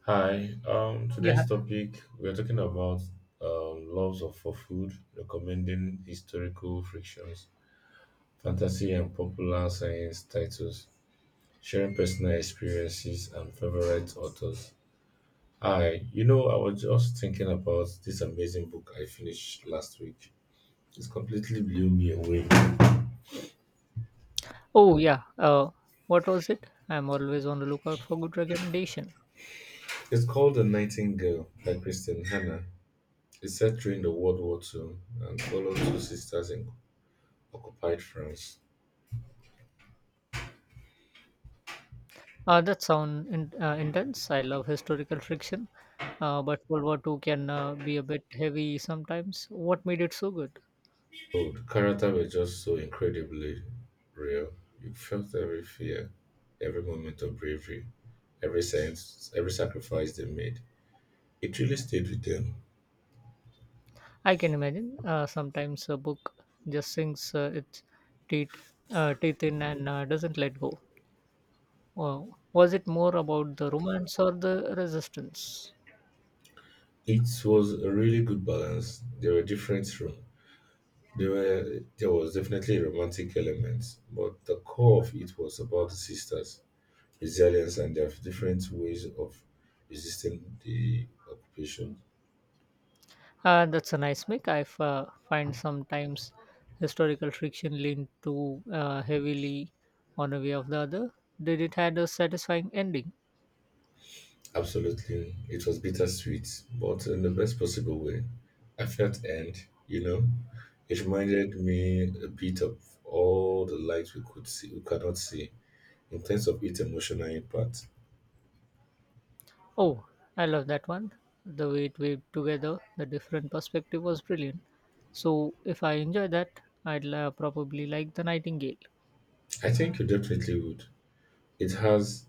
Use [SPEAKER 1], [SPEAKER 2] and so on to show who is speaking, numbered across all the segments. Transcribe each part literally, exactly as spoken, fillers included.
[SPEAKER 1] Hi, um,
[SPEAKER 2] Yeah.
[SPEAKER 1] today's topic we're talking about um, loves of for food, recommending historical frictions, fantasy and popular science titles, sharing personal experiences and favorite authors. Hi, you know, I was just thinking about this amazing book I finished last week. It completely blew me away.
[SPEAKER 2] Oh, yeah. Uh, what was it? I'm always on the lookout for good recommendation.
[SPEAKER 1] It's called The Nightingale by Kristen Hannah. It's set during the World War Two and follows two sisters in occupied France.
[SPEAKER 2] Uh, that sound in, uh, intense. I love historical fiction, uh, but World War Two can uh, be a bit heavy sometimes. What made it so good?
[SPEAKER 1] Oh, the character were just so incredibly real. You felt every fear, every moment of bravery, every sense, every sacrifice they made. It really stayed with them.
[SPEAKER 2] I can imagine. Uh, sometimes a book just sinks uh, its teeth, uh, teeth in and uh, doesn't let go. Uh, was it more about the romance or the resistance?
[SPEAKER 1] It was a really good balance. They were different from there were there was definitely a romantic element, but the core of it was about the sisters, resilience and their different ways of resisting the occupation.
[SPEAKER 2] Uh, that's a nice mix. I f- uh, find sometimes historical fiction lean too uh, heavily on a way of the other. Did it had a satisfying ending?
[SPEAKER 1] Absolutely. It was bittersweet, but in the best possible way. I felt and, you know, it reminded me a bit of all the lights we could see we cannot see in terms of its emotional impact.
[SPEAKER 2] Oh, I love that one. The way it weaved together, the different perspective was brilliant. So if I enjoy that, I'd uh, probably like The Nightingale.
[SPEAKER 1] I think you definitely would. It has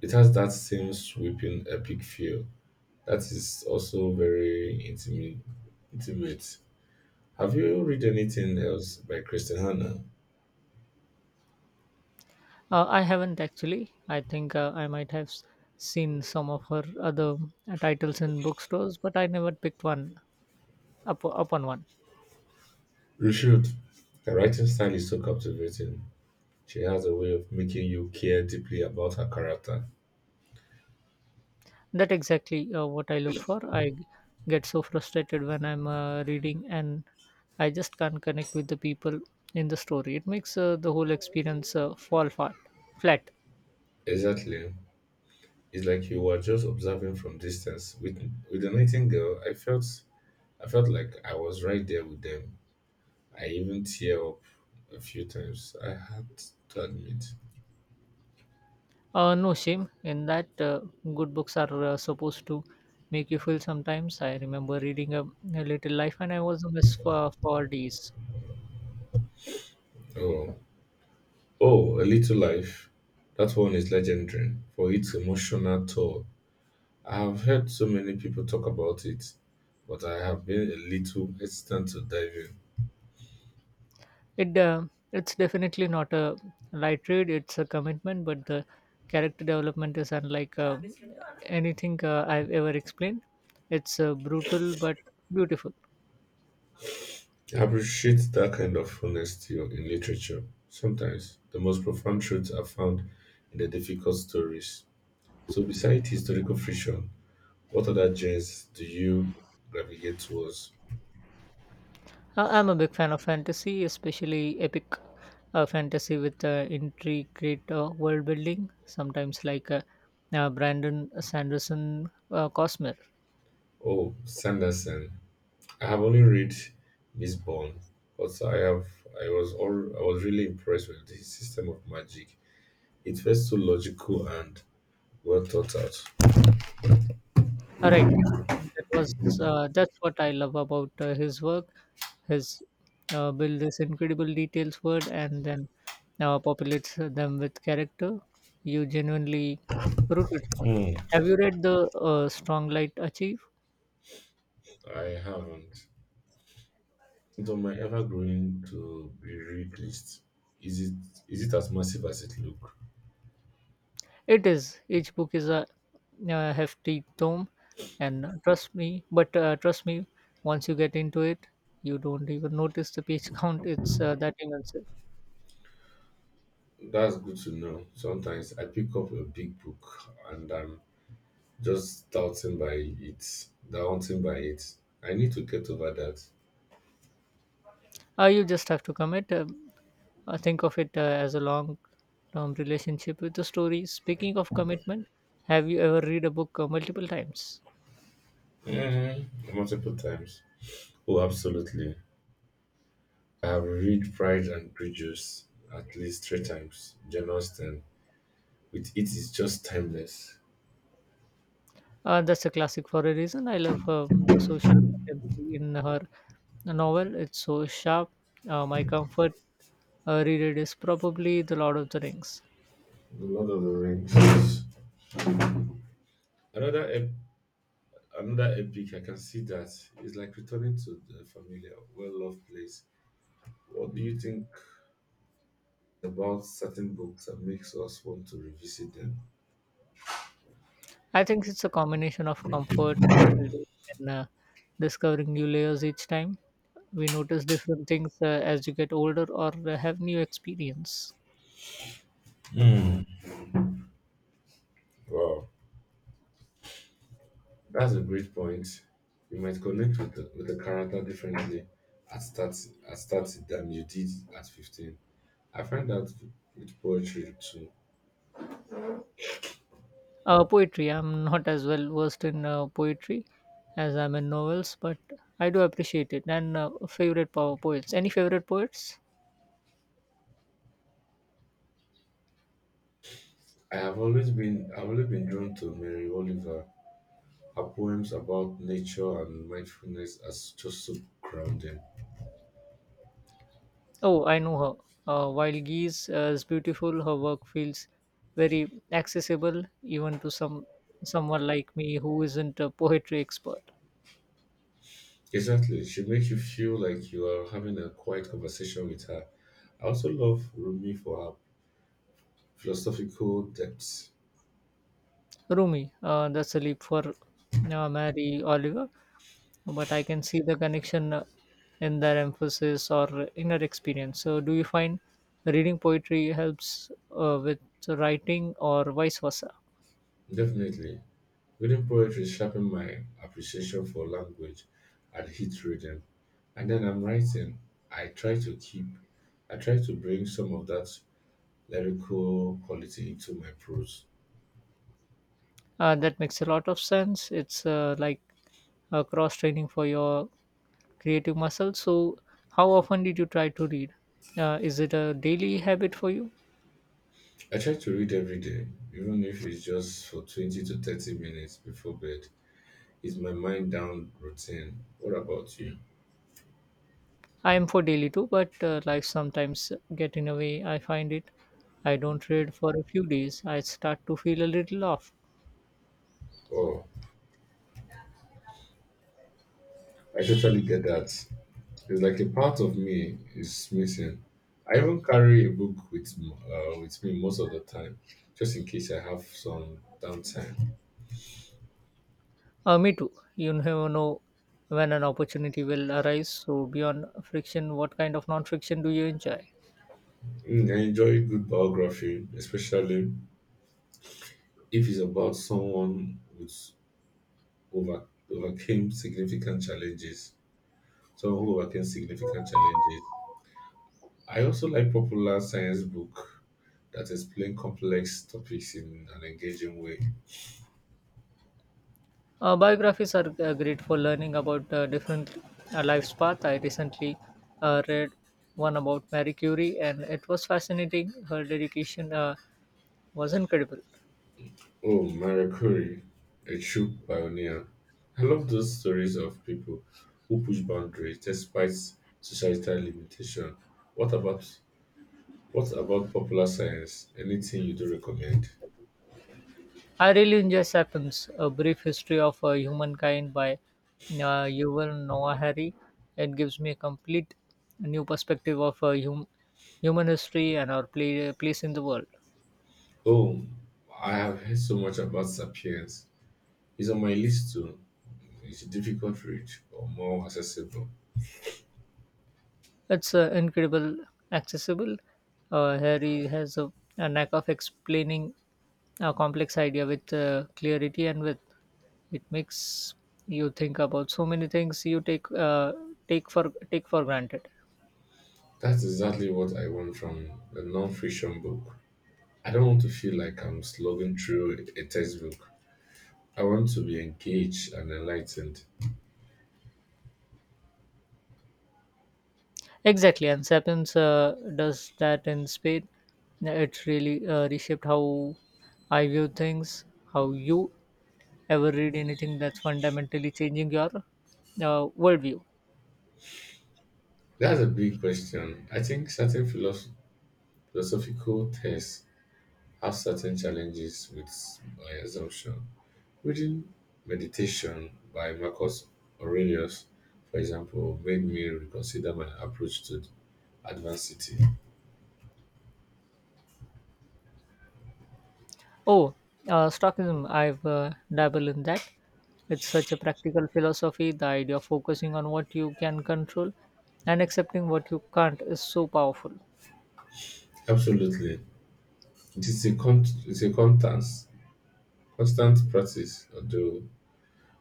[SPEAKER 1] it has that same sweeping epic feel. That is also very intimate intimate. Have you read anything else by Christian Hanna?
[SPEAKER 2] Uh, I haven't actually. I think uh, I might have s- seen some of her other uh, titles in bookstores, but I never picked one up, up on one.
[SPEAKER 1] You should. Her writing style is so captivating. She has a way of making you care deeply about her character.
[SPEAKER 2] That exactly uh, what I look for. I g- get so frustrated when I'm uh, reading and I just can't connect with the people in the story. It makes uh, the whole experience uh, fall flat. Flat.
[SPEAKER 1] Exactly. It's like you were just observing from distance. With with the Knitting girl, I felt I felt like I was right there with them. I even tear up a few times. I had to admit.
[SPEAKER 2] Uh, no shame in that. Uh, good books are uh, supposed to make you feel sometimes. I remember reading a, a little life and I was a mess for, for days.
[SPEAKER 1] Oh, oh, a little life. That one is legendary for its emotional toll. I have heard so many people talk about it, but I have been a little hesitant to dive in.
[SPEAKER 2] It uh, it's definitely not a light read. It's a commitment, but the character development is unlike uh, anything uh, I've ever explained. It's uh, brutal but beautiful.
[SPEAKER 1] I appreciate that kind of honesty in literature. Sometimes the most profound truths are found in the difficult stories. So, besides historical fiction, what other genres do you gravitate towards?
[SPEAKER 2] Uh, I'm a big fan of fantasy, especially epic uh, fantasy with uh, intricate uh, world building. Sometimes like uh, uh, Brandon Sanderson uh, Cosmos.
[SPEAKER 1] Oh, Sanderson. I have only read Miss Bourne, but I have I was all I was really impressed with the system of magic. It felt so logical and well thought out.
[SPEAKER 2] Right. That was uh, that's what I love about uh, his work. His uh, build this incredible details word and then uh, populates them with character you genuinely rooted for.
[SPEAKER 1] Hmm.
[SPEAKER 2] Have you read the uh, Strong Light Achieve?
[SPEAKER 1] I haven't. It's on my ever-growing to-be-read list. Is it is it as massive as it look?
[SPEAKER 2] It is. Each book is a, uh hefty tome, and trust me, but uh, trust me, once you get into it, you don't even notice the page count. It's uh, that immense.
[SPEAKER 1] That's good to know. Sometimes I pick up a big book and I'm just daunting by it, daunting by it. I need to get over that.
[SPEAKER 2] Uh, you just have to commit. Um, uh, think of it uh, as a long term relationship with the story. Speaking of commitment, have you ever read a book uh, multiple times?
[SPEAKER 1] Mm, multiple times. Oh, absolutely. I have read Pride and Prejudice at least three times. Jane Austen. With it is just timeless.
[SPEAKER 2] Uh, that's a classic for a reason. I love um, the social contemporary in her novel. It's so sharp. Uh, my comfort uh, reread is probably The Lord of the Rings.
[SPEAKER 1] The Lord of the Rings. Another ep- Another epic I can see that is like returning to the familiar, well-loved place. What do you think about certain books that makes us want to revisit them?
[SPEAKER 2] I think it's a combination of comfort, nostalgia, and uh, discovering new layers each time. We notice different things uh, as you get older or uh, have new experience.
[SPEAKER 1] Hmm. Wow, that's a great point. You might connect with the, with the character differently at thirty, at thirty than you did at fifteen. I find that with poetry too.
[SPEAKER 2] Uh, poetry. I'm not as well versed in uh, poetry as I'm in novels, but I do appreciate it. And uh, favorite po- poets. Any favorite poets?
[SPEAKER 1] I have always been I've always been drawn to Mary Oliver. Her poems about nature and mindfulness are just so grounding.
[SPEAKER 2] Oh, I know her. Uh, while Geese uh, is beautiful, her work feels very accessible even to some someone like me who isn't a poetry expert.
[SPEAKER 1] Exactly. She makes you feel like you are having a quiet conversation with her. I also love Rumi for her philosophical depth.
[SPEAKER 2] Rumi. Uh, that's a leap for uh, Mary Oliver. But I can see the connection uh, in their emphasis or inner experience. So, do you find reading poetry helps uh, with writing or vice versa?
[SPEAKER 1] Definitely. Reading poetry sharpened my appreciation for language and hit reading. And then I'm writing. I try to keep, I try to bring some of that lyrical quality into my prose.
[SPEAKER 2] Uh, that makes a lot of sense. It's uh, like a cross training for your creative muscle. So, how often did you try to read? Uh, is it a daily habit for you?
[SPEAKER 1] I try to read every day, even if it's just for twenty to thirty minutes before bed. It's my mind down routine. What about you?
[SPEAKER 2] I am for daily too, but uh, life sometimes get in a way. I find it. I don't read for a few days. I start to feel a little off.
[SPEAKER 1] Oh, I totally get that. It's like a part of me is missing. I even carry a book with m- uh, with me most of the time, just in case I have some downtime.
[SPEAKER 2] Uh, me too. You never know when an opportunity will arise. So, beyond friction, what kind of non friction do you enjoy?
[SPEAKER 1] Mm, I enjoy a good biography, especially if it's about someone who's over overcame significant challenges. Someone who overcame significant challenges. I also like popular science book that explain complex topics in an engaging way.
[SPEAKER 2] Uh, biographies are uh, great for learning about uh, different uh, life's path. I recently uh, read one about Marie Curie, and it was fascinating. Her dedication uh, was incredible.
[SPEAKER 1] Oh, Marie Curie, a true pioneer. I love those stories of people who push boundaries despite societal limitation. What about what about popular science? Anything you do recommend?
[SPEAKER 2] I really enjoy Sapiens, A Brief History of uh, Humankind by uh, Yuval Noah Harari. It gives me a complete new perspective of uh, hum- human history and our play- place in the world.
[SPEAKER 1] Oh, I have heard so much about Sapiens. It's on my list too. It's a difficult read, but more accessible.
[SPEAKER 2] It's uh, incredible, accessible. Uh, Harry has a, a knack of explaining a complex idea with uh, clarity and with it makes you think about so many things you take uh, take for take for granted.
[SPEAKER 1] That's exactly what I want from a non-fiction book. I don't want to feel like I'm slogging through a textbook. I want to be engaged and enlightened.
[SPEAKER 2] Exactly, and Sapiens uh, does that in Spain. It really uh, reshaped how I view things, how you ever read anything that's fundamentally changing your uh, worldview.
[SPEAKER 1] That's a big question. I think certain philosoph- philosophical texts have certain challenges with my assumption. Reading Meditation by Marcus Aurelius, for example, made me reconsider my approach to adversity.
[SPEAKER 2] Oh, uh, Stockism, I've uh, dabbled in that. It's such a practical philosophy. The idea of focusing on what you can control and accepting what you can't is so powerful.
[SPEAKER 1] Absolutely. It is a, con- it's a constant, constant practice, although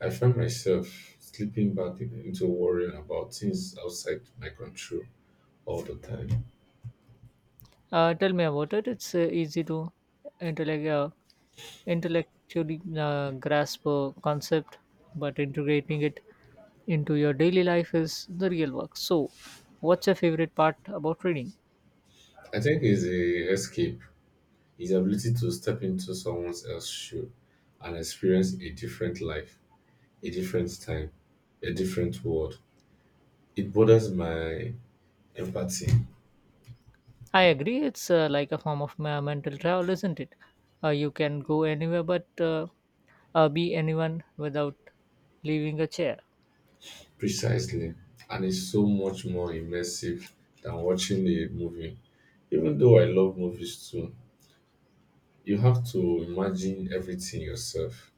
[SPEAKER 1] I find myself slipping back in- into worrying about things outside my control all the time.
[SPEAKER 2] Uh, tell me about it. It's uh, easy to intellect, uh, intellectually uh, grasp a concept, but integrating it into your daily life is the real work. So, what's your favorite part about reading?
[SPEAKER 1] I think it's a escape. His ability to step into someone else's shoe and experience a different life, a different time, a different world, it borders my empathy
[SPEAKER 2] I agree, it's uh, like a form of me- mental travel, isn't it? Uh, you can go anywhere but uh, uh, be anyone without leaving a chair.
[SPEAKER 1] precisely and is so much more immersive than watching a movie. Even though I love movies too, you have to imagine everything yourself.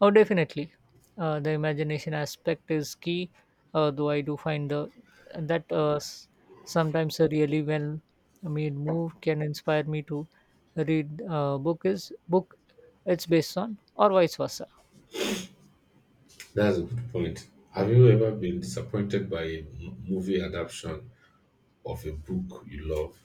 [SPEAKER 2] Oh, definitely. Uh, the imagination aspect is key, uh, though I do find the, that uh, s- sometimes a really well made move can inspire me to read uh, book is book it's based on or vice versa.
[SPEAKER 1] That's a good point. Have you ever been disappointed by a m- movie adaptation of a book you love?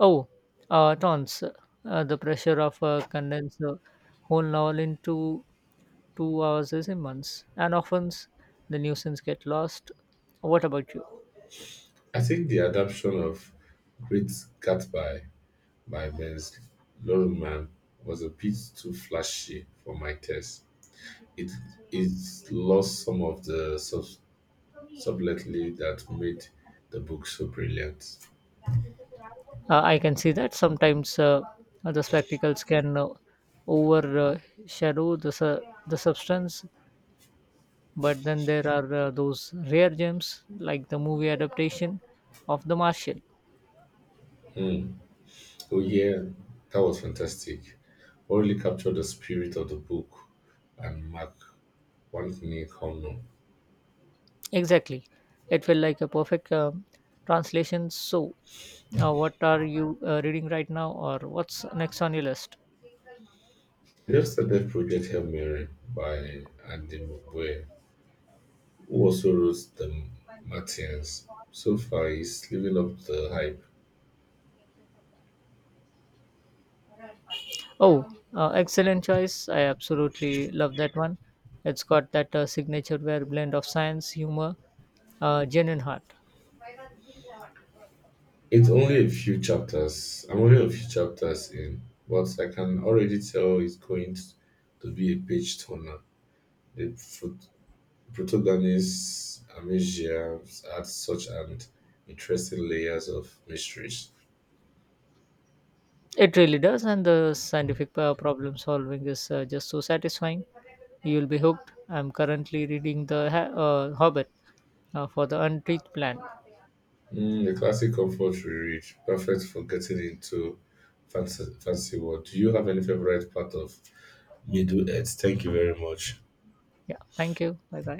[SPEAKER 2] Oh, uh, tons. Uh, the pressure of uh, condense the whole novel into two hours is immense, and often the nuisance get lost. What about you?
[SPEAKER 1] I think the adaptation of Great Gatsby by Baz Luhrmann was a bit too flashy for my taste. It it lost some of the sub- subtlety that made the book so brilliant.
[SPEAKER 2] uh, I can see that sometimes uh, the spectacles can uh, overshadow the su- the substance, but then there are uh, those rare gems like the movie adaptation of The Martian.
[SPEAKER 1] Hmm. Oh yeah, that was fantastic. What really captured the spirit of the book and Mark Anthony Connor.
[SPEAKER 2] Exactly, it felt like a perfect um translation. So, uh, what are you uh, reading right now, or what's next on your list?
[SPEAKER 1] I just started Project Hail Mary by Andy Mugwe who also wrote the Martians. So far, he's living up to the hype.
[SPEAKER 2] Oh, uh, excellent choice! I absolutely love that one. It's got that uh, signature where blend of science, humor, uh, genuine heart.
[SPEAKER 1] It's only a few chapters. I'm only a few chapters in, but I can already tell it's going to be a page turner. The prot- protagonist Amasia adds such an interesting layers of mysteries.
[SPEAKER 2] It really does, and the scientific uh, problem solving is uh, just so satisfying. You'll be hooked. I'm currently reading The Ha- uh, Hobbit uh, for the Untreated Plant.
[SPEAKER 1] Mm, the classic comfort reread, perfect for getting into fancy, fancy world. Do you have any favorite part of Middle Earth? Thank you very much.
[SPEAKER 2] Yeah, thank you. Bye bye.